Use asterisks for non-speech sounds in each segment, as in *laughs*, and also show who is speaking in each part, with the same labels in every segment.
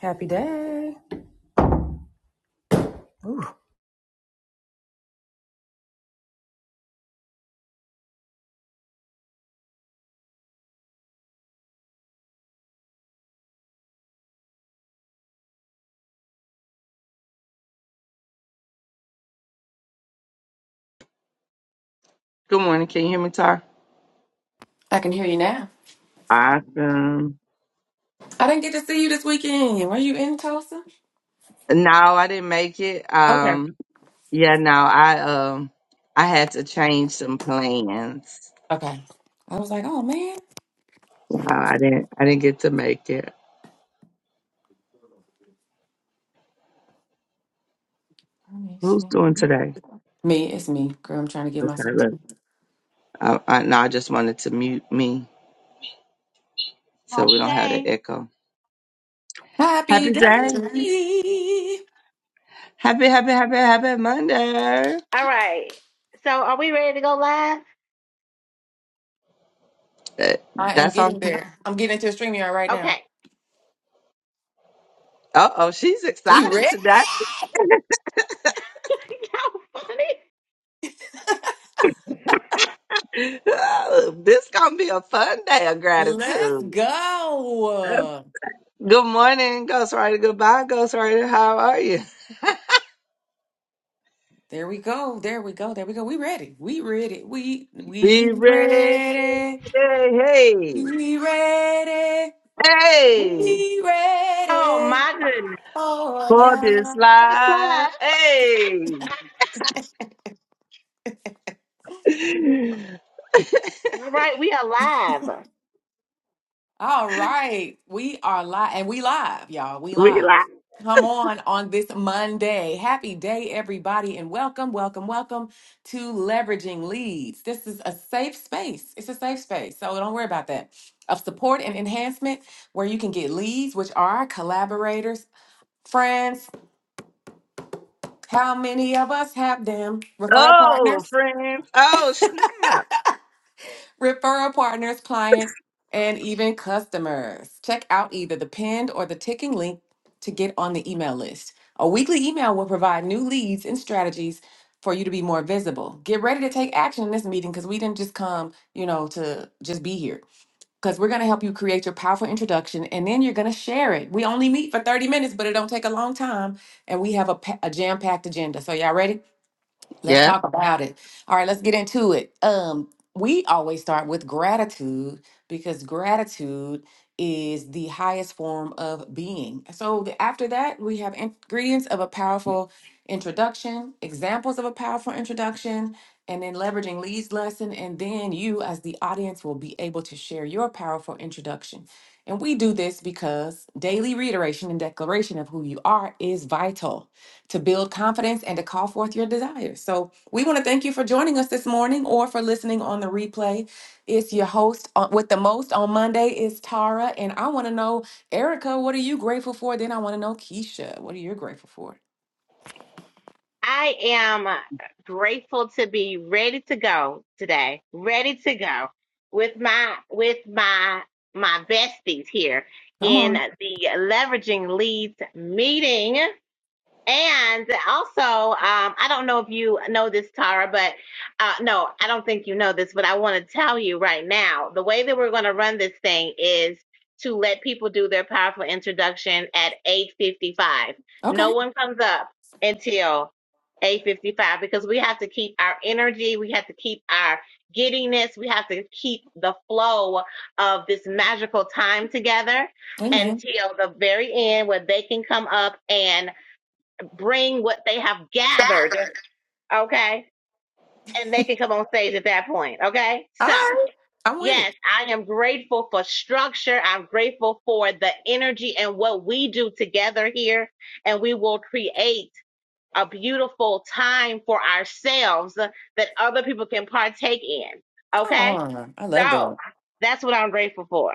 Speaker 1: Happy day.
Speaker 2: Good morning. Can you hear me, Tar?
Speaker 1: I can hear you now.
Speaker 2: Awesome.
Speaker 1: I didn't get to see you this weekend. Were you in Tulsa?
Speaker 2: No, I didn't make it.
Speaker 1: Okay.
Speaker 2: Um, yeah, no, I um, I had to change some plans.
Speaker 1: Okay. I was like, oh man.
Speaker 2: Uh, I didn't, I didn't get to make it.
Speaker 1: Let me
Speaker 2: Who's
Speaker 1: see.
Speaker 2: doing today?
Speaker 1: Me, it's me. Girl, I'm trying to get
Speaker 2: Okay,
Speaker 1: myself.
Speaker 2: look. Uh, I, no, I just wanted to mute me so we
Speaker 3: Happy
Speaker 2: don't have the
Speaker 3: day.
Speaker 2: echo.
Speaker 1: Happy
Speaker 2: Happy day.
Speaker 1: day.
Speaker 2: Happy, happy, happy, happy Monday.
Speaker 3: All right. So are we ready to go live?
Speaker 2: That-
Speaker 1: I am
Speaker 2: That's on
Speaker 1: getting
Speaker 2: top.
Speaker 1: there. I'm getting into a stream yard right now.
Speaker 3: Okay.
Speaker 2: Uh oh, she's
Speaker 1: So you
Speaker 2: excited
Speaker 1: ready?
Speaker 2: today.
Speaker 3: *laughs* Y'all funny.
Speaker 2: *laughs* this gonna be a fun day of
Speaker 1: Let's
Speaker 2: gratitude.
Speaker 1: go.
Speaker 2: Good morning, Ghostwriter. Goodbye, Ghostwriter. How are you?
Speaker 1: There we go. There we go. There we go. We ready. We ready. We
Speaker 2: Be
Speaker 1: we
Speaker 2: ready.
Speaker 1: ready.
Speaker 2: Hey,
Speaker 1: We ready.
Speaker 3: We acting up.
Speaker 2: hey,
Speaker 1: We
Speaker 3: Oh
Speaker 1: ready.
Speaker 3: my goodness.
Speaker 1: Oh
Speaker 2: for this
Speaker 1: yeah.
Speaker 3: It's
Speaker 2: life.
Speaker 3: live.
Speaker 2: Hey,
Speaker 3: All right, we are live.
Speaker 1: All right. We are live and we live, y'all. We
Speaker 2: we
Speaker 1: live.
Speaker 2: like,
Speaker 1: Come on on this Monday. Happy day, everybody, and welcome, welcome, welcome to Leveraging Leads. This is a safe space. It's a safe space. So don't worry about that. Of support and enhancement where you can get leads, which are collaborators, friends. How many of us have them? Referral
Speaker 2: oh,
Speaker 1: partners.
Speaker 2: friends. Oh, snap.
Speaker 1: referral partners, clients, and even customers. Check out either the pinned or the ticking link to get on the email list. A weekly email will provide new leads and strategies for you to be more visible. Get ready to take action in this meeting because we didn't just come, you know, to just be here. Because we're going to help you create your powerful introduction and then you're going to share it. We only meet for 30 minutes, but it don't take a long time. And we have a, pa- a jam-packed agenda. So y'all ready? Let's
Speaker 2: Yeah.
Speaker 1: talk about it. All right, let's get into it. Um, we always start with gratitude because gratitude is the highest form of being. So the, after that, we have ingredients of a powerful introduction, examples of a powerful introduction, and then leveraging Lee's lesson. And then you, as the audience, will be able to share your powerful introduction. And we do this because daily reiteration and declaration of who you are is vital to build confidence and to call forth your desires. So, we want to thank you for joining us this morning or for listening on the replay. It's your host on- with the most on Monday is Tara, and I want to know, Erica, what are you grateful for? Then I want to know, Keisha, what are you grateful for?
Speaker 3: I am grateful to be ready to go today. Ready to go with my with my my besties here
Speaker 1: Come
Speaker 3: in
Speaker 1: on.
Speaker 3: the leveraging leads meeting. And also, um, I don't know if you know this, Tara, but uh, no, I don't think you know this, but I want to tell you right now the way that we're going to run this thing is to let people do their powerful introduction at 8.55. No
Speaker 1: Okay.
Speaker 3: one comes up until 8.55 because we have to keep our energy. We have to keep our giddiness. We have to keep the flow of this magical time together
Speaker 1: Amen.
Speaker 3: until the very end where they can come up and bring what they have gathered, okay? And they can come on stage at that point, okay?
Speaker 1: All
Speaker 3: So,
Speaker 1: right. I'm with
Speaker 3: yes,
Speaker 1: it.
Speaker 3: I am grateful for structure. I'm grateful for the energy and what we do together here. And we will create a beautiful time for ourselves that other people can partake in,
Speaker 1: Come
Speaker 3: okay?
Speaker 1: on. I love
Speaker 3: So,
Speaker 1: that.
Speaker 3: that's what I'm grateful for.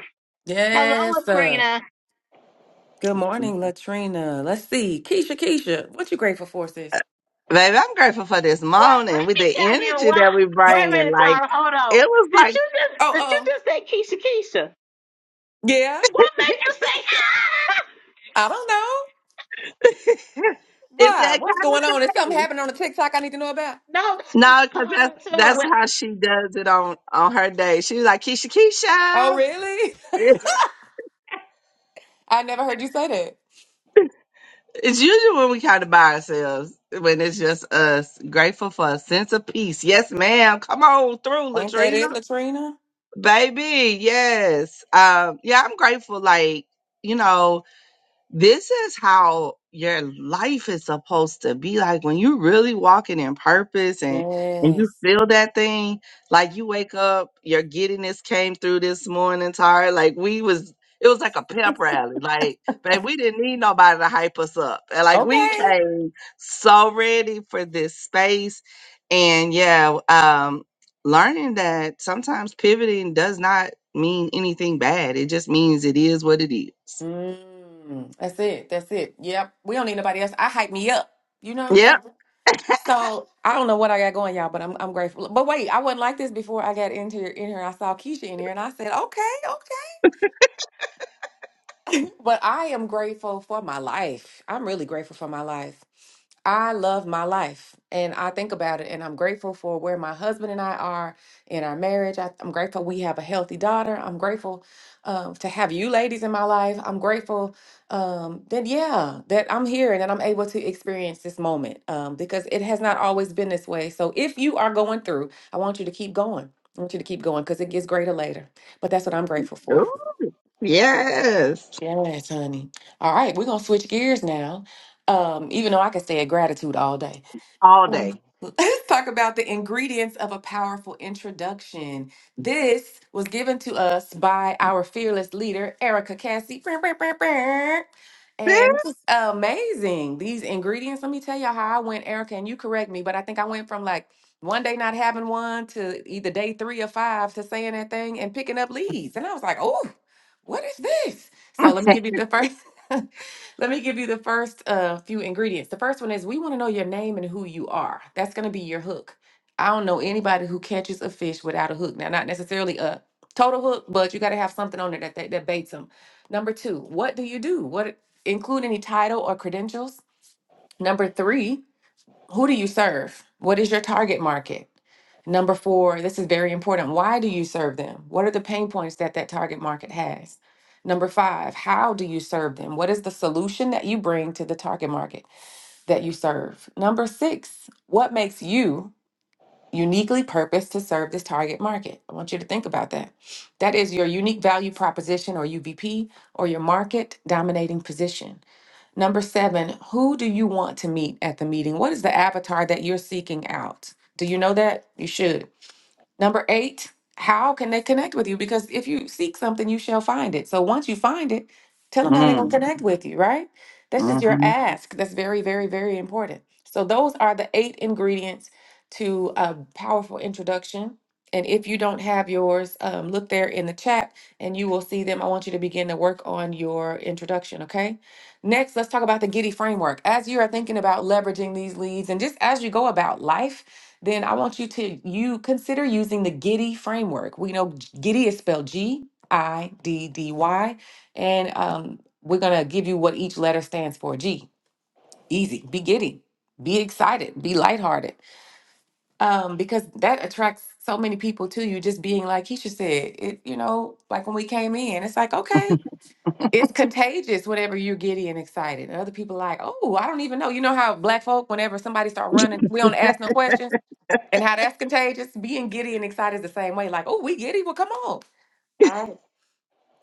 Speaker 3: Hello,
Speaker 1: Yes, sir.
Speaker 3: Latrina.
Speaker 1: Good morning, Latrina. Let's see. Keisha, Keisha, what you grateful for, sis?
Speaker 2: Baby, I'm grateful for this
Speaker 3: Well, let
Speaker 2: morning with the
Speaker 3: me tell you
Speaker 2: energy
Speaker 3: why.
Speaker 2: that we
Speaker 1: *laughs* Oh,
Speaker 3: Wait a
Speaker 2: bring. And
Speaker 3: minute,
Speaker 2: like,
Speaker 3: Tara. Hold on.
Speaker 2: it was
Speaker 3: Did
Speaker 2: like,
Speaker 3: you just did you
Speaker 1: oh.
Speaker 3: just say Keisha Keisha?
Speaker 1: Yeah.
Speaker 3: What made you say
Speaker 1: I don't know.
Speaker 2: *laughs* it's
Speaker 1: Why?
Speaker 2: that
Speaker 1: What's
Speaker 2: kind
Speaker 1: going on? Is
Speaker 2: of
Speaker 1: something
Speaker 2: day.
Speaker 1: happening on the TikTok I need to know about?
Speaker 3: *laughs* No, it's- it's-
Speaker 2: No,
Speaker 3: it's-
Speaker 2: because that's, that's how
Speaker 3: it's-
Speaker 2: she does it on, on her day. She was like, Keisha,
Speaker 1: Oh,
Speaker 2: Keisha.
Speaker 1: really?
Speaker 2: It's
Speaker 1: *laughs* I never heard you say that.
Speaker 2: usually when we kind of by ourselves, when it's just us. Grateful for a sense of peace. Yes, ma'am. Come on through,
Speaker 1: Ain't that
Speaker 2: Latrina.
Speaker 1: it, Latrina?
Speaker 2: Baby, yes. Um, yeah, I'm grateful, like, you know, this is how your life is supposed to be like when you really walking in purpose and and you
Speaker 1: Yes.
Speaker 2: feel that thing like you wake up your giddiness came through this morning tired like we was it was like a pep rally like babe, we didn't need nobody to hype us up and like we
Speaker 1: Okay.
Speaker 2: came so ready for this space and yeah um learning that sometimes pivoting does not mean anything bad it just means it is what it is
Speaker 1: Mm, that's it. That's it. Yep. We don't need nobody else. I hype me up. You know what I'm
Speaker 2: yep
Speaker 1: saying? So I don't know what I got going, y'all, but I'm I'm grateful. But wait, I wasn't like this before I got into here, in here. I saw Keisha in here, and I said, okay, okay. But I am grateful for my life. I'm really grateful for my life. I love my life and I think about it and I'm grateful for where my husband and I are in our marriage. I, I'm grateful we have a healthy daughter. I'm grateful um, to have you ladies in my life. I'm grateful um, that, yeah, that I'm here and that I'm able to experience this moment um, because it has not always been this way. So if you are going through, I want you to keep going. I want you to keep going because it gets greater later. But that's what I'm grateful for.
Speaker 2: Yes.
Speaker 1: Yes, honey. All right, we're gonna switch gears now. Um, even though I could say gratitude all day.
Speaker 2: all
Speaker 1: Um,
Speaker 2: day.
Speaker 1: Let's talk about the ingredients of a powerful introduction. This was given to us by our fearless leader, Erica Cassie. Brr, brr, brr, brr.
Speaker 2: *laughs*
Speaker 1: And this is amazing. These ingredients, let me tell you how I went, Erica, and you correct me, but I think I went from like one day not having one to either day three or five to saying that thing and picking up leads. And I was like, oh, what is this? So let me give you the first. *laughs* Let me give you the first uh, few ingredients. The first one is we want to know your name and who you are. That's going to be your hook. I don't know anybody who catches a fish without a hook. Now, not necessarily a total hook, but you got to have something on there that, that that baits them. Number two, what do you do? What include any title or credentials? Number three, who do you serve? What is your target market? Number four, this is very important. Why do you serve them? What are the pain points that that target market has? Number five, how do you serve them? What is the solution that you bring to the target market that you serve? Number six, what makes you uniquely purposed to serve this target market? I want you to think about that. That is your unique value proposition or UVP or your market dominating position. Number seven, who do you want to meet at the meeting? What is the avatar that you're seeking out? Do you know that? You should. Number eight, how can they connect with you? Because if you seek something, you shall find it. So once you find it, tell them how they're
Speaker 2: mm,
Speaker 1: going to connect with you, right? That's just your
Speaker 2: hmm
Speaker 1: ask. That's very, very, very important. So those are the eight ingredients to a powerful introduction. And if you don't have yours, um, look there in the chat and you will see them. I want you to begin to work on your introduction, okay? Next, let's talk about the Giddy framework. As you are thinking about leveraging these leads and just as you go about life, then I want you to you consider using the Giddy framework. We know Giddy is spelled G I D D Y, and um, we're gonna give you what each letter stands for. G, easy. Be giddy. Be excited. Be lighthearted. Um, because that attracts so many people to you. Just being like Keisha said, it you know, like when we came in, it's like okay, it's contagious whenever you're giddy and excited. And other people like, oh, I don't even know. You know how black folk, whenever somebody start running, we don't ask no questions and how that's contagious. Being giddy and excited is the same way. Like, oh, we giddy. Well, come on. All right.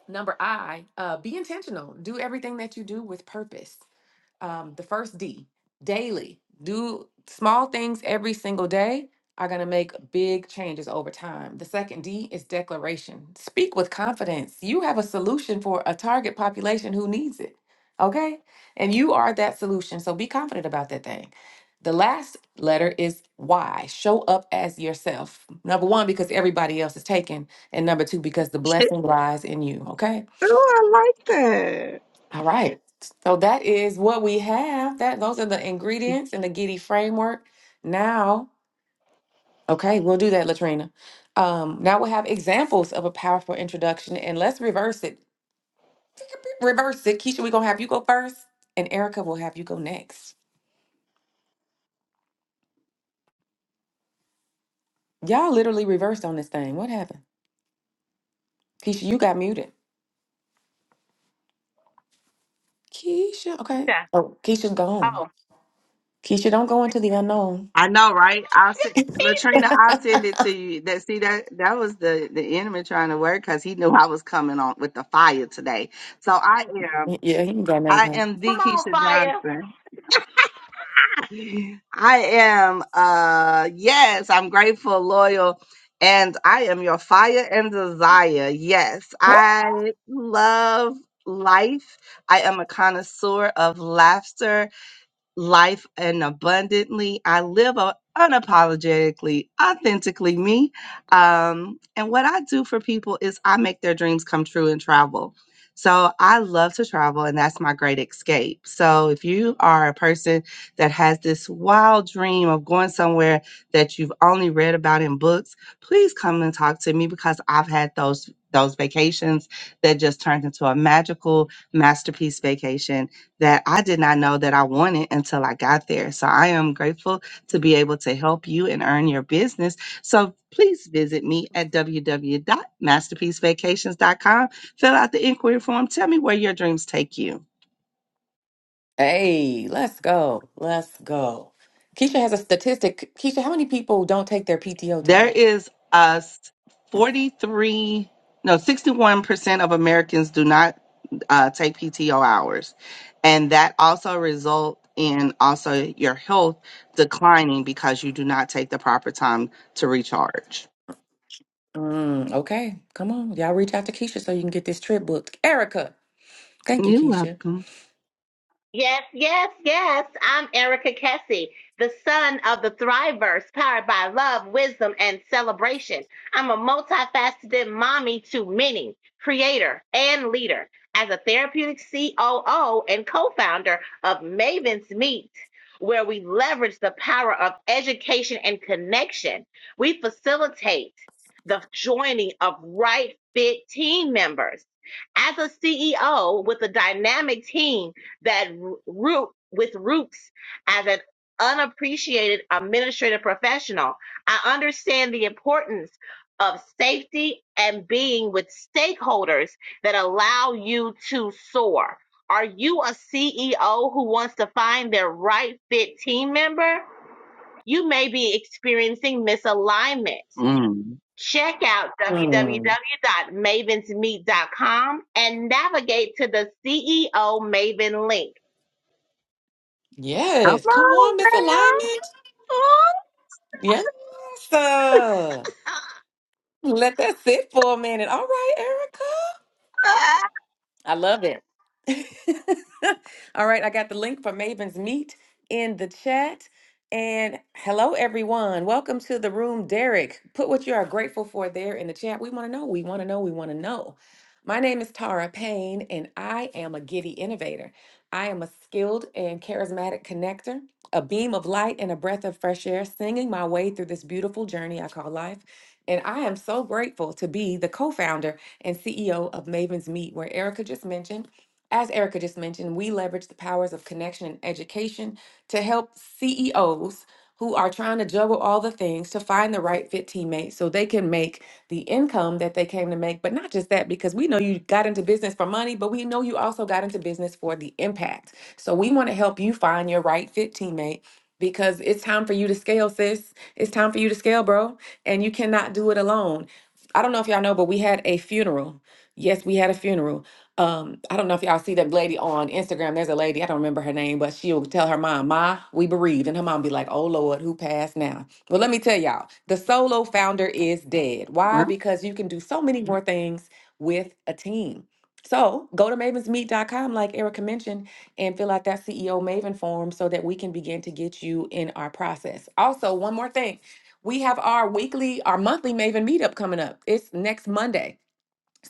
Speaker 1: Number I, uh, be intentional. Do everything that you do with purpose um, the first D, daily. Do small things every single day are going to make big changes over time. The second D is declaration. Speak with confidence. You have a solution for a target population who needs it. Okay? And you are that solution. So be confident about that thing. The last letter is Y. Show up as yourself. Number one, because everybody else is taken. And number two, because the blessing lies in you. Okay?
Speaker 2: Ooh, I like that.
Speaker 1: All right. So that is what we have. That those are the ingredients in the Giddy framework. Now, okay, we'll do that, Latrina. Um, now we'll have examples of a powerful introduction, and let's reverse it. Reverse it, Keisha. We're gonna have you go first, and Erica will have you go next. Y'all literally reversed on this thing. What happened, Keisha? You got muted. Keisha, okay. Oh, Keisha's gone.
Speaker 3: oh,
Speaker 1: Keisha, don't go into the unknown.
Speaker 2: I know, right? I'll
Speaker 3: it's
Speaker 2: send
Speaker 3: peace.
Speaker 2: Latrina. I'll send it to you. That see that that was the the enemy trying to work because he knew I was coming on with the fire today. So I am
Speaker 1: Yeah, he can go nothing.
Speaker 2: I
Speaker 1: coming.
Speaker 2: am
Speaker 3: Come
Speaker 2: the
Speaker 3: on,
Speaker 2: Keisha
Speaker 3: fire.
Speaker 2: Johnson. I am, uh, yes, I'm grateful, loyal, and I am your fire and desire. Yes,
Speaker 1: What?
Speaker 2: I love life. I am a connoisseur of laughter life and abundantly. I live a- unapologetically, authentically me. Um, and what I do for people is I make their dreams come true and travel. So I love to travel, and that's my great escape. So if you are a person that has this wild dream of going somewhere that you've only read about in books, please come and talk to me because I've had those those vacations that just turned into a magical masterpiece vacation that I did not know that I wanted until I got there. So I am grateful to be able to help you and earn your business. So please visit me at www.masterpiecevacations.com. Fill out the inquiry form. Tell me where your dreams take you.
Speaker 1: Hey, let's go. Let's go. Keisha has a statistic. Keisha, how many people don't take their PTO
Speaker 2: There
Speaker 1: time?
Speaker 2: is a 43, no, 61% of Americans do not uh, take PTO hours. And that also result in also your health declining because you do not take the proper time to recharge.
Speaker 1: Mm, okay, come on. Y'all reach out to Keisha so you can get this trip booked. Erica, thank you,
Speaker 2: You're
Speaker 1: Keisha.
Speaker 2: welcome.
Speaker 3: Yes, yes, yes. I'm Erica Kessie, the son of the Thriverse, powered by love, wisdom, and celebration. I'm a multifaceted mommy to many, creator and leader. As a therapeutic COO and co founder of Maven's Meet, where we leverage the power of education and connection, we facilitate the joining of right fit team members. As a CEO with a dynamic team, that root with roots as an unappreciated administrative professional. I understand the importance of safety and being with stakeholders that allow you to soar. Are you a CEO who wants to find their right fit team member? You may be experiencing misalignment.
Speaker 2: Mm.
Speaker 3: Check out
Speaker 1: Mm.
Speaker 3: www.mavensmeet.com and navigate to the CEO Maven link
Speaker 2: Come
Speaker 1: Yes, come
Speaker 2: on,
Speaker 1: on, Miss Alignment. Yes, sir. Let that sit for a minute. All right, Erica. I love it. *laughs* All right, I got the link for Maven's Meet in the chat. And hello, everyone. Welcome to the room, Derek. Put what you are grateful for there in the chat. We want to know, we want to know, we want to know. My name is Tara Payne, and I am a giddy innovator. I am a skilled and charismatic connector, a beam of light and a breath of fresh air, singing my way through this beautiful journey I call life. And I am so grateful to be the co founder and CEO of Maven's Meet, where Erica just mentioned. As Erica just mentioned, we leverage the powers of connection and education to help CEOs who are trying to juggle all the things to find the right fit teammate so they can make the income that they came to make. But not just that, because we know you got into business for money, but we know you also got into business for the impact. So we want to help you find your right fit teammate because it's time for you to scale, sis. It's time for you to scale, bro. And you cannot do it alone. I don't know if y'all know, but we had a funeral. Yes, we had a funeral um, I don't know if y'all see that lady on Instagram. There's a lady, I don't remember her name, but she'll tell her mom, Ma, we bereaved. And her mom be like, Oh Lord, who passed now? Well, let me tell y'all, the solo founder is dead.
Speaker 2: girl.
Speaker 1: Why?
Speaker 2: Mm.
Speaker 1: Because you can do so many more things with a team. So go to mavensmeet.com, like Erica mentioned, and fill out that CEO Maven form so that we can begin to get you in our process. Also, one more thing. We have our weekly, our monthly Maven meetup coming up. It's next Monday.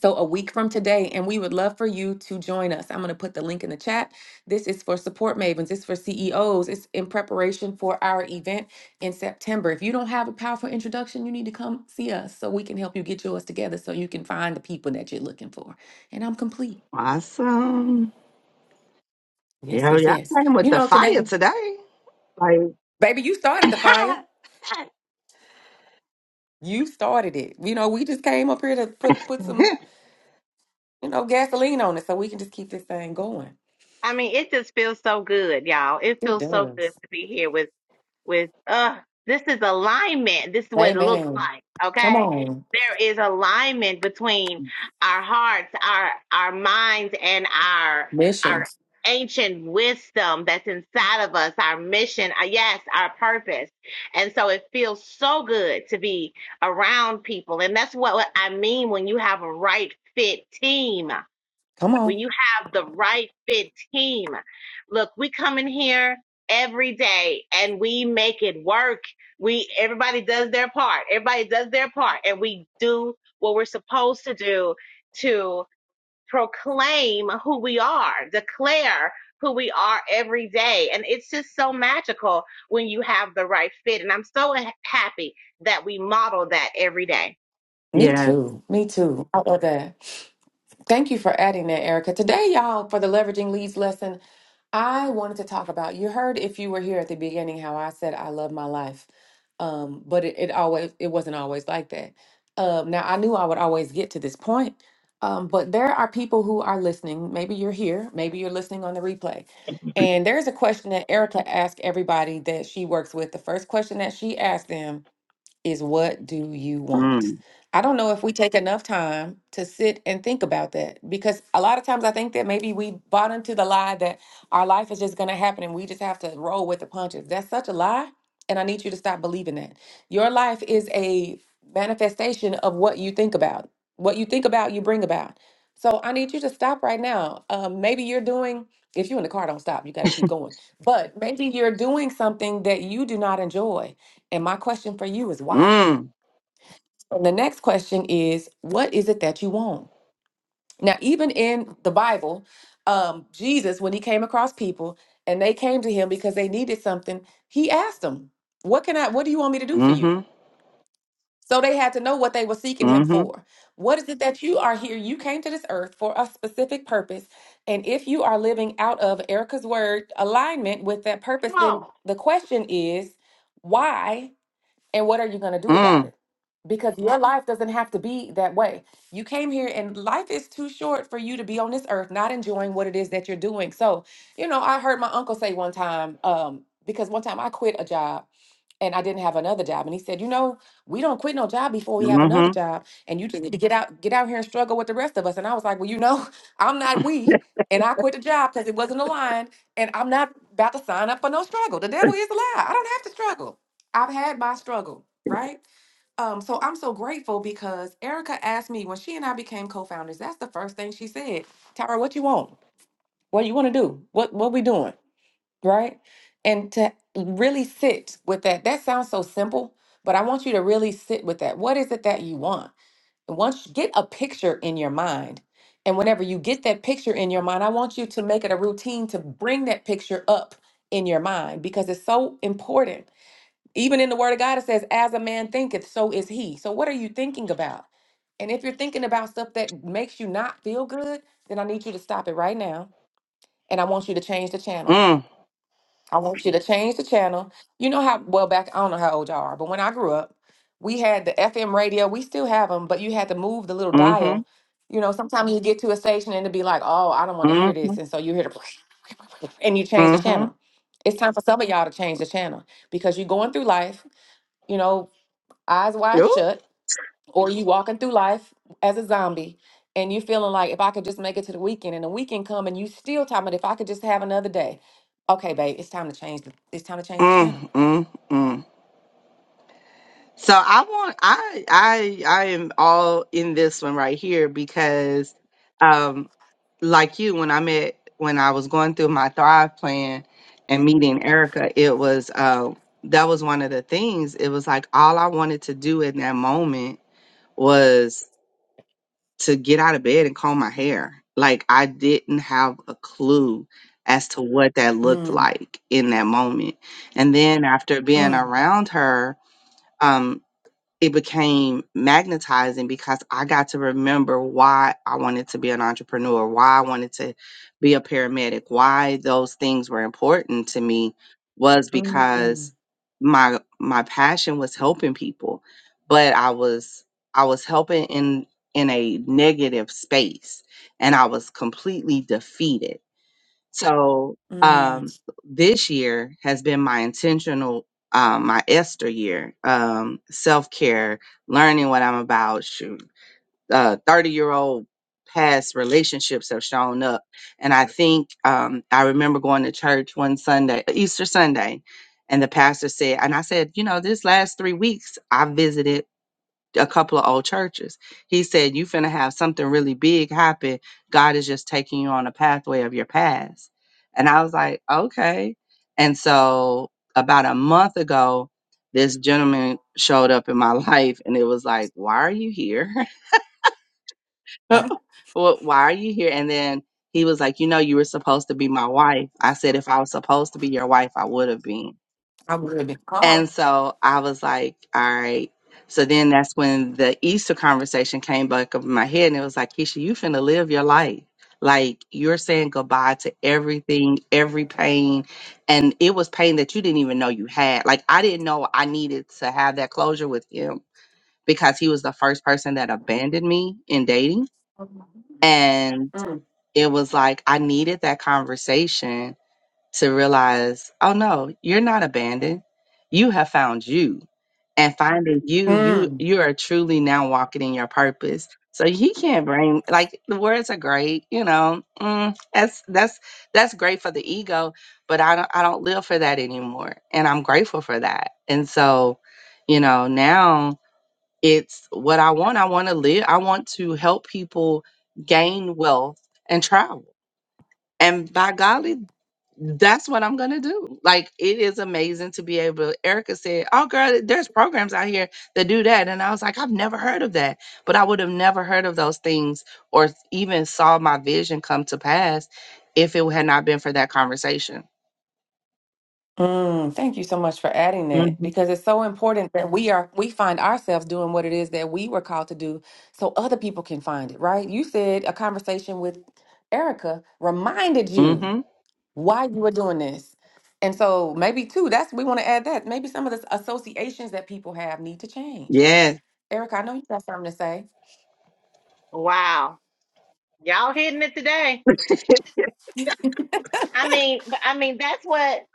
Speaker 1: So, a week from today, and we would love for you to join us. I'm going to put the link in the chat. This is for support mavens, it's for CEOs, it's in preparation for our event in September. If you don't have a powerful introduction, you need to come see us so we can help you get yours together so you can find the people that you're looking for. And I'm complete.
Speaker 2: Awesome.
Speaker 1: Yes,
Speaker 2: Yo,
Speaker 1: yes,
Speaker 2: y'all
Speaker 1: yes.
Speaker 2: came with
Speaker 1: You
Speaker 2: the
Speaker 1: know, today,
Speaker 2: fire
Speaker 1: Mhm.
Speaker 2: today. Like,
Speaker 1: baby, you started the fire.
Speaker 2: *laughs*
Speaker 1: You started it. You know, we just came up here to put put some, you know, gasoline on it so we can just keep this thing going.
Speaker 3: I mean, it just feels so good, y'all. It
Speaker 1: It
Speaker 3: feels so good
Speaker 1: does.
Speaker 3: to be here with with uh this is alignment. This is what it looks
Speaker 1: Amen.
Speaker 3: like,
Speaker 1: Come
Speaker 3: okay?
Speaker 1: on.
Speaker 3: There is alignment between our hearts, our our minds and our our
Speaker 1: Missions.
Speaker 3: ancient wisdom that's inside of us, our mission, uh, yes, our purpose. And so it feels so good to be around people. And that's what, what I mean when you have a right fit team
Speaker 1: Come
Speaker 3: when
Speaker 1: on.
Speaker 3: you have the right fit team. Look, we come in here every day and we make it work. We everybody does their part. Everybody does their part and we do what we're supposed to do to proclaim who we are, declare who we are every day. And it's just so magical when you have the right fit. And I'm so ha- happy that we model that every day.
Speaker 1: Me
Speaker 2: yeah.
Speaker 1: too. Me too. I love that. Thank you for adding that, Erica. Today, y'all, for the leveraging leads lesson, I wanted to talk about. You heard if you were here at the beginning how I said I love my life, um, but it, it always it wasn't always like that. Um, now I knew I would always get to this point, um, but there are people who are listening. Maybe you're here. Maybe you're listening on the replay. And there's a question that Erica asked everybody that she works with. The first question that she asked them is what do you want?
Speaker 2: Mm.
Speaker 1: I don't know if we take enough time to sit and think about that because a lot of times I think that maybe we bought into the lie that our life is just going to happen and we just have to roll with the punches. That's such a lie. And I need you to stop believing that. Your life is a manifestation of what you think about. What you think about, you bring about. So I need you to stop right now. Um, maybe you're doing, if you're in the car, don't stop. You got to keep going. But maybe you're doing something that you do not enjoy and my question for you is why?
Speaker 2: Mm.
Speaker 1: And the next question is, what is it that you want? Now, even in the Bible, um, Jesus, when he came across people and they came to him because they needed something, he asked them, What can I, what do you want me to do for
Speaker 2: Mm-hmm.
Speaker 1: you? So they had to know what they were seeking him
Speaker 2: Mm-hmm.
Speaker 1: for. What is it that you are here? You came to this earth for a specific purpose. And if you are living out of Erica's word alignment with that
Speaker 3: Come
Speaker 1: purpose, then
Speaker 3: on.
Speaker 1: the question is, why And what are you going to do about
Speaker 2: Mm.
Speaker 1: it? Because your life doesn't have to be that way. You came here and life is too short for you to be on this earth not enjoying what it is that you're doing. So, you know, I heard my uncle say one time, um, because one time I quit a job and I didn't have another job. And he said, you know, we don't quit no job before we have another
Speaker 2: Mm-hmm.
Speaker 1: job. And you just need to get out, get out here and struggle with the rest of us. And I was like, well, you know, *laughs* I'm not we. And I quit the job because it wasn't aligned. And I'm not about to sign up for no struggle. The devil is a lie. I don't have to struggle. I've had my struggle, right? Um, so I'm so grateful because Erica asked me when she and I became co-founders, that's the first thing she said. Tara, what you want? What you want to do? What what we doing? right? And to really sit with that. That sounds so simple, but I want you to really sit with that. What is it that you want? And once you get a picture in your mind, and whenever you get that picture in your mind, I want you to make it a routine to bring that picture up in your mind because it's so important. Even in the Word of God, it says, As a man thinketh, so is he. So, what are you thinking about? And if you're thinking about stuff that makes you not feel good, then I need you to stop it right now. And I want you to change the channel.
Speaker 2: Mm.
Speaker 1: I want you to change the channel. You know how well back I don't know how old y'all are, but when I grew up, we had the FM radio. We still have them, but you had to move the little
Speaker 2: Mm-hmm.
Speaker 1: dial. You know, sometimes you get to a station and it'd be like, "Oh, I don't want to hear
Speaker 2: Mm-hmm.
Speaker 1: this," and so you hear the *laughs* and you change the
Speaker 2: Mm-hmm.
Speaker 1: channel. It's time for some of y'all to change the channel because you're going through life, you know, eyes wide
Speaker 2: Ooh.
Speaker 1: shut, or you walking through life as a zombie, and you feeling like if I could just make it to the weekend, and the weekend come, and you still talking about if I could just have another day. Okay, babe, it's time to change. The, it's time to change the channel
Speaker 2: Mm. Mm. Mm. So I want I I I am all in this one right here because um like you when I met when I was going through my Thrive plan and meeting Erica, it was uh that was one of the things. It was like all I wanted to do in that moment to get out of bed and comb my hair. Like I didn't have a clue as to what that looked
Speaker 1: Mm,
Speaker 2: like in that moment. And then after being
Speaker 1: mm,
Speaker 2: around her, um, it became magnetizing because I got to remember why I wanted to be an entrepreneur, why I wanted to be a paramedic, why those things were important to me was
Speaker 1: mm,
Speaker 2: because my my passion was helping people, but I was I was helping in in a negative space and I was completely defeated so um,
Speaker 1: mm.
Speaker 2: this year has been my intentional, um, my Esther year, um, self care, learning what I'm about. Shoot, uh, thirty year old past relationships have shown up, and I think um, I remember going to church one Sunday, Easter Sunday, and the pastor said, and I said, you know, this last three weeks I visited a couple of old churches. He said, You finna have something really big happen. God is just taking you on a pathway of your past. And I was like, Okay. And so about a month ago, this gentleman showed up in my *laughs* life and it was like, Why are you here? *laughs* Well, Why are you here? And then he was like, You know, you were supposed to be my wife. I said, If I was supposed to be your wife, I would have been.
Speaker 1: I would have been called.
Speaker 2: And so I was like, all right. So then that's when the Easter conversation came back up in my head and it was like, Keisha, you finna live your life. Like you're saying goodbye to everything, every
Speaker 1: Mm,
Speaker 2: pain. And it was pain that you didn't even know you had. Like I didn't know I needed to have that closure with him because he was the first person that abandoned me in dating. And it was like I needed that conversation to realize, oh no, you're not abandoned. You have found you. And finding you, you
Speaker 1: mm,
Speaker 2: you are truly now walking in your purpose. So he can't blame like the words are great, you know. Mm, that's that's that's great for the ego, but I don't I don't live for that anymore. And I'm grateful for that. And so, you know, now it's what I want. I want to live. I want to help people gain wealth and travel and by golly, that's what I'm gonna do. Like it is amazing to be able. Erica said, "Oh, girl, there's programs out here that do that," and I was like, "I've never heard of that," but I would have never heard of those things or even saw my vision come to pass if it had not been for that conversation.
Speaker 1: mm. Thank you so much for adding that
Speaker 2: Mm-hmm.
Speaker 1: because it's so important that we are we find ourselves doing what it is that we were called to do so other people can find it, right? You said a conversation with Erica reminded you
Speaker 2: Mm-hmm.
Speaker 1: why you were doing this. And so maybe too, that's we want to add that. Maybe some of the associations that people have need to change.
Speaker 2: Yes.
Speaker 1: Erica, I know you got something to say.
Speaker 3: Wow. Y'all hitting it today.
Speaker 2: *laughs*
Speaker 3: I mean, but I mean, that's what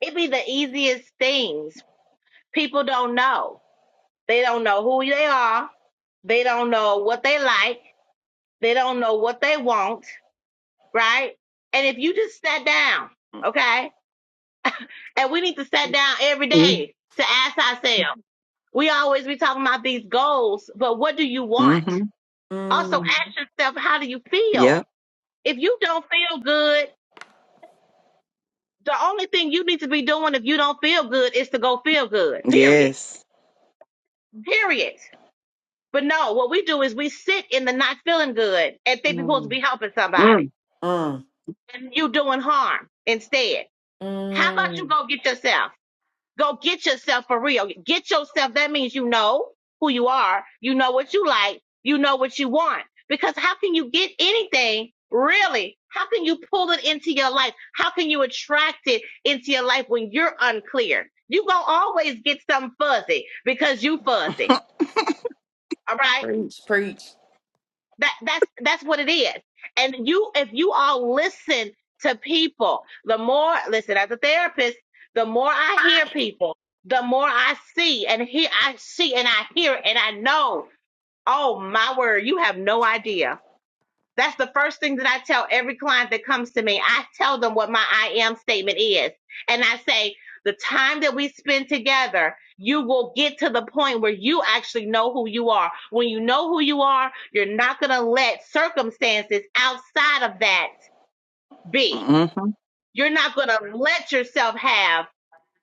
Speaker 3: it be the easiest things. People don't know. They don't know who they are. They don't know what they like. They don't know what they want, right? And if you just sat down, okay? And we need to sit down every day to ask ourselves. We always be talking about these goals, but what do you want?
Speaker 2: mm-hmm.
Speaker 3: Also
Speaker 1: Mm,
Speaker 3: ask yourself, how do you feel?
Speaker 2: Yep.
Speaker 3: If you don't feel good, the only thing you need to be doing if you don't feel good is to go feel good, period
Speaker 2: Yes.
Speaker 3: Period. But no, what we do is we sit in the not feeling good and think we're
Speaker 1: mm.
Speaker 3: supposed to be helping somebody.
Speaker 2: Mm.
Speaker 1: Mm.
Speaker 3: And you doing harm instead. How about you
Speaker 1: Mm.
Speaker 3: go get yourself? Go get yourself for real. Get yourself. That means you know who you are. You know what you like. You know what you want. Because how can you get anything really? How can you pull it into your life? How can you attract it into your life when you're unclear? You gonna always get something fuzzy because you fuzzy.
Speaker 2: *laughs*
Speaker 3: All right.
Speaker 1: Preach, preach.
Speaker 3: That that's that's what it is. And you if you all listen to people, the more listen as a therapist, the more I hear people, the more I see and hear I see and I hear and I know, oh my word, you have no idea that's the first thing that I tell every client that comes to me. I tell them what my I am statement is. And I say, the time that we spend together, you will get to the point where you actually know who you are. When you know who you are, you're not going to let circumstances outside of that be.
Speaker 2: Mm-hmm.
Speaker 3: You're not going to let yourself have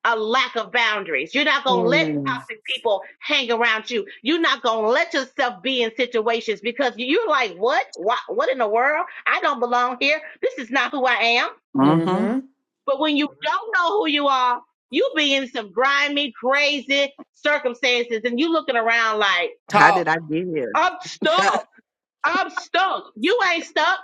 Speaker 3: a lack of boundaries. You're not going to let
Speaker 1: Mm.
Speaker 3: toxic people hang around you. You're not going to let yourself be in situations because you're like, what? what? What in the world? I don't belong here. This is not who I am.
Speaker 2: Mm-hmm.
Speaker 1: Mm-hmm.
Speaker 3: But when you don't know who you are, you be in some grimy, crazy circumstances and you looking around like,
Speaker 2: How did
Speaker 1: Talk.
Speaker 2: I get here?
Speaker 3: I'm stuck. I'm stuck. You ain't stuck.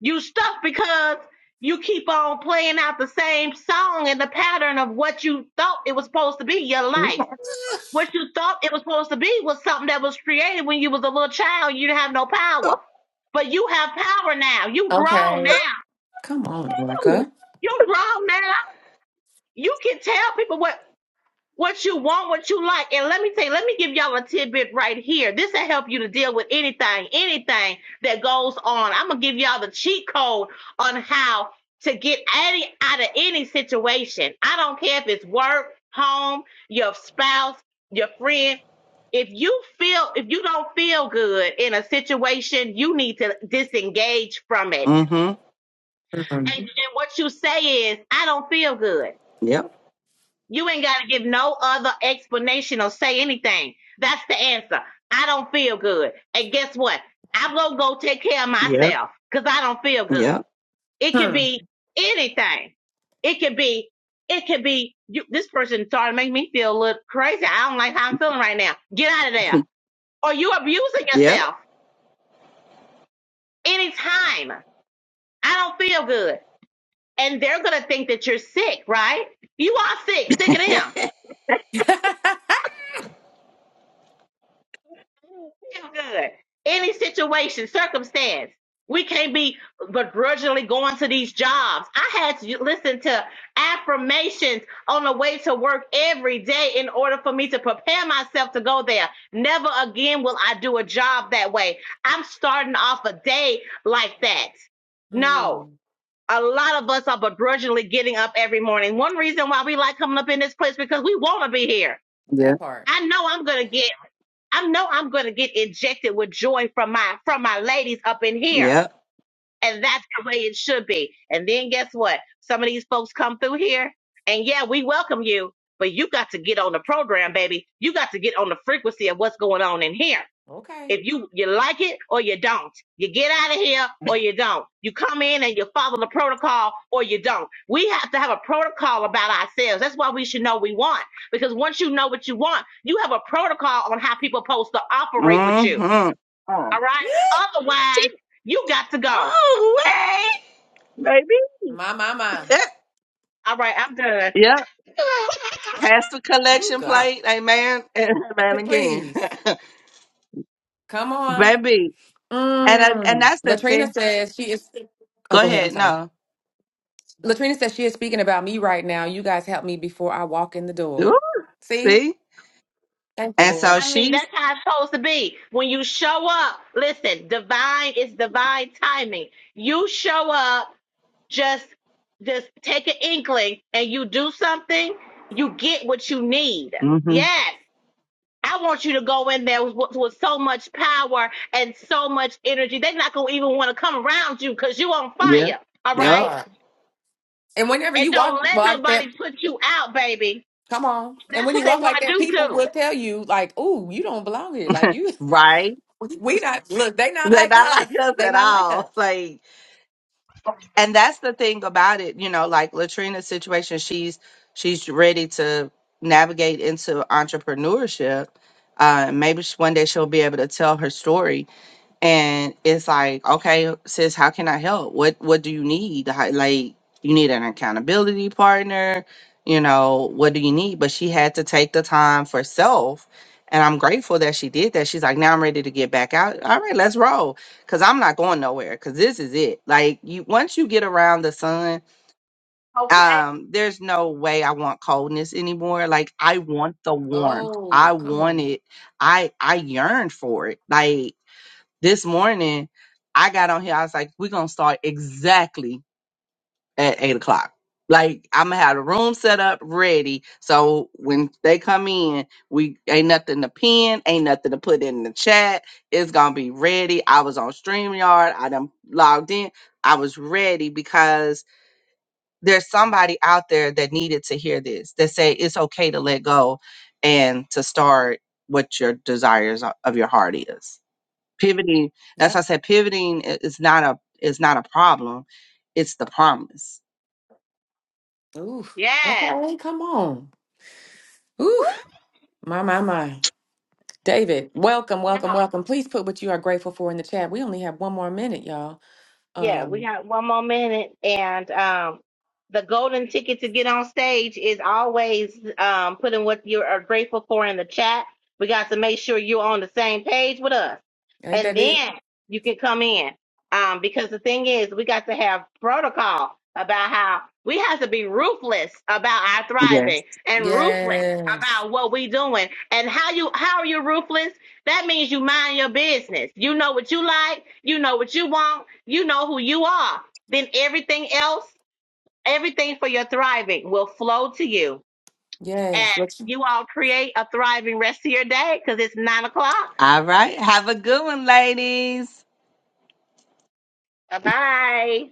Speaker 3: You stuck because you keep on playing out the same song and the pattern of what you thought it was supposed to be your life What you thought it was supposed to be was something that was created when you was a little child. You didn't have no power, but you have power now. You grown
Speaker 1: Okay.
Speaker 3: now.
Speaker 1: Come on, Erica.
Speaker 2: *laughs*
Speaker 3: You grown now. You can tell people what what you want, what you like. And let me tell you, let me give y'all a tidbit right here. This will help you to deal with anything, anything that goes on. I'm gonna give y'all the cheat code on how to get any out of any situation. I don't care if it's work, home, your spouse, your friend. If you feel if you don't feel good in a situation, you need to disengage from it.
Speaker 2: mm-hmm.
Speaker 3: And, and
Speaker 1: Mm.
Speaker 3: what you say is, I don't feel good.
Speaker 2: Yep.
Speaker 3: You ain't got to give no other explanation or say anything. That's the answer. I don't feel good. And guess what? I'm going to go take care of
Speaker 2: Yep.
Speaker 3: myself because I don't feel
Speaker 2: Yep.
Speaker 3: good. It could
Speaker 1: Hmm.
Speaker 3: be anything. It could be, it could be, you, this person started to make me feel a little crazy. I don't like how I'm feeling right now. Get out of there.
Speaker 2: *laughs*
Speaker 3: Or you abusing
Speaker 2: Yeah,
Speaker 3: yourself anytime. I don't feel good. And they're going to think that you're sick, right? You are sick, sick of them
Speaker 1: *laughs*
Speaker 3: feel good. Any situation, circumstance, we can't be begrudgingly going to these jobs. I had to listen to affirmations on the way to work every day in order for me to prepare myself to go there. Never again will I do a job that way. I'm starting off a day like that. No.
Speaker 1: mm.
Speaker 3: A lot of us are begrudgingly getting up every morning. One reason why we like coming up in this place because we want to be here.
Speaker 2: Yeah.
Speaker 1: That part.
Speaker 3: I know I'm gonna get. I know I'm gonna get injected with joy from my from my ladies up in here.
Speaker 2: yeah.
Speaker 3: And that's the way it should be. And then guess what? Some of these folks come through here and yeah, we welcome you, but you got to get on the program, baby. You got to get on the frequency of what's going on in here.
Speaker 1: Okay.
Speaker 3: If you you like it or you don't, you get out of here or you don't. You come in and you follow the protocol or you don't. We have to have a protocol about ourselves. That's why we should know we want. Because once you know what you want, you have a protocol on how people supposed to operate with you.
Speaker 2: Mm-hmm. Uh,
Speaker 3: All right.
Speaker 2: she,
Speaker 3: Otherwise, you got to go.
Speaker 2: oh, way, baby.
Speaker 1: My, my, my.
Speaker 2: Yeah,
Speaker 3: All right, I'm done.
Speaker 2: yeah.
Speaker 3: *laughs*
Speaker 2: Pass the
Speaker 1: Ooh,
Speaker 2: collection
Speaker 1: God.
Speaker 2: plate. Amen. And amen again.
Speaker 1: Please.
Speaker 2: *laughs*
Speaker 1: Come on.
Speaker 2: baby. And I, and
Speaker 1: Mm.
Speaker 2: that's the
Speaker 1: Latrina
Speaker 2: thing.
Speaker 1: says she is. Oh,
Speaker 2: Go
Speaker 1: go ahead. I'm
Speaker 2: ahead.
Speaker 1: sorry.
Speaker 2: No.
Speaker 1: Latrina says she is speaking about me right now. You guys help me before I walk in the
Speaker 2: Ooh,
Speaker 1: door. See?
Speaker 2: see?
Speaker 1: Thank you,
Speaker 2: And so
Speaker 1: Lord.
Speaker 3: I mean, that's
Speaker 2: she's,
Speaker 3: how it's supposed to be. When you show up, listen, divine is divine timing. You show up just just take an inkling and you do something, you get what you need.
Speaker 2: mm-hmm.
Speaker 3: Yes. I want you to go in there with, with so much power and so much energy. They're not going to even want to come around you because you on
Speaker 2: Yeah.
Speaker 3: fire. All
Speaker 1: That
Speaker 2: Yep.
Speaker 3: right.
Speaker 1: part. And whenever
Speaker 3: And
Speaker 1: you
Speaker 3: don't
Speaker 1: walk
Speaker 3: let
Speaker 1: like that,
Speaker 3: nobody put you out, baby.
Speaker 1: come on. And
Speaker 3: That's
Speaker 1: when
Speaker 3: what
Speaker 1: you
Speaker 3: they
Speaker 1: walk
Speaker 3: want
Speaker 1: like
Speaker 3: to
Speaker 1: that,
Speaker 3: do
Speaker 1: people
Speaker 3: too.
Speaker 1: will tell you, like, "Ooh, you don't belong here. Like you,
Speaker 2: Right.
Speaker 1: *laughs* we not look. They not
Speaker 2: They're
Speaker 1: like
Speaker 2: not like
Speaker 1: us.
Speaker 2: us
Speaker 1: They
Speaker 2: at
Speaker 1: not like
Speaker 2: all.
Speaker 1: us."
Speaker 2: Like, and that's the thing about it you know like latrina's situation she's she's ready to navigate into entrepreneurship uh maybe she, one day she'll be able to tell her story and it's like okay sis how can i help what what do you need How- like you need an accountability partner you know what do you need but she had to take the time for self and i'm grateful that she did that she's like now i'm ready to get back out all right let's roll because i'm not going nowhere because this is it like you once you get around the sun
Speaker 3: Okay.
Speaker 2: um there's no way i want coldness anymore like i want the warmth i
Speaker 1: Oh, come
Speaker 2: want
Speaker 1: on.
Speaker 2: it i i yearn for it like this morning, I got on here. I was like, we're going to start exactly at eight o'clock. Like, I'm going to have the room set up ready. So when they come in, we ain't nothing to pin, ain't nothing to put in the chat. It's going to be ready. I was on StreamYard. I done logged in. I was ready because there's somebody out there that needed to hear this that say it's okay to let go and to start what your desires o- of your heart is pivoting that's why
Speaker 1: Yep.
Speaker 2: i said pivoting i- is not a is not a problem it's the promise
Speaker 1: Ooh.
Speaker 3: Yes.
Speaker 1: Okay. Come on.
Speaker 3: Woo.
Speaker 1: Ooh. My my my. David, welcome, welcome,
Speaker 3: Yeah.
Speaker 1: welcome. Please put what you are grateful for in the chat. We only have one more minute, y'all.
Speaker 3: Yeah, we
Speaker 1: Um,
Speaker 3: got one more minute, and um, the golden ticket to get on stage is always um, putting what you are grateful for in the chat. We got to make sure you're on the same page with us,
Speaker 1: ain't
Speaker 3: and
Speaker 1: that it?
Speaker 3: then you can come in. Um, because the thing is, we got to have protocol about how we have to be ruthless about our
Speaker 2: yes
Speaker 3: thriving and ruthless
Speaker 1: Yes.
Speaker 3: about what we doing and how you how are you ruthless that means you mind your business. You know what you like. You know what you want. You know who you are. Then everything else, everything for your thriving will flow to you. And
Speaker 1: Yes. What you
Speaker 3: you all create a thriving rest of your day because it's nine o'clock.
Speaker 2: all right have a good one ladies
Speaker 3: Bye bye.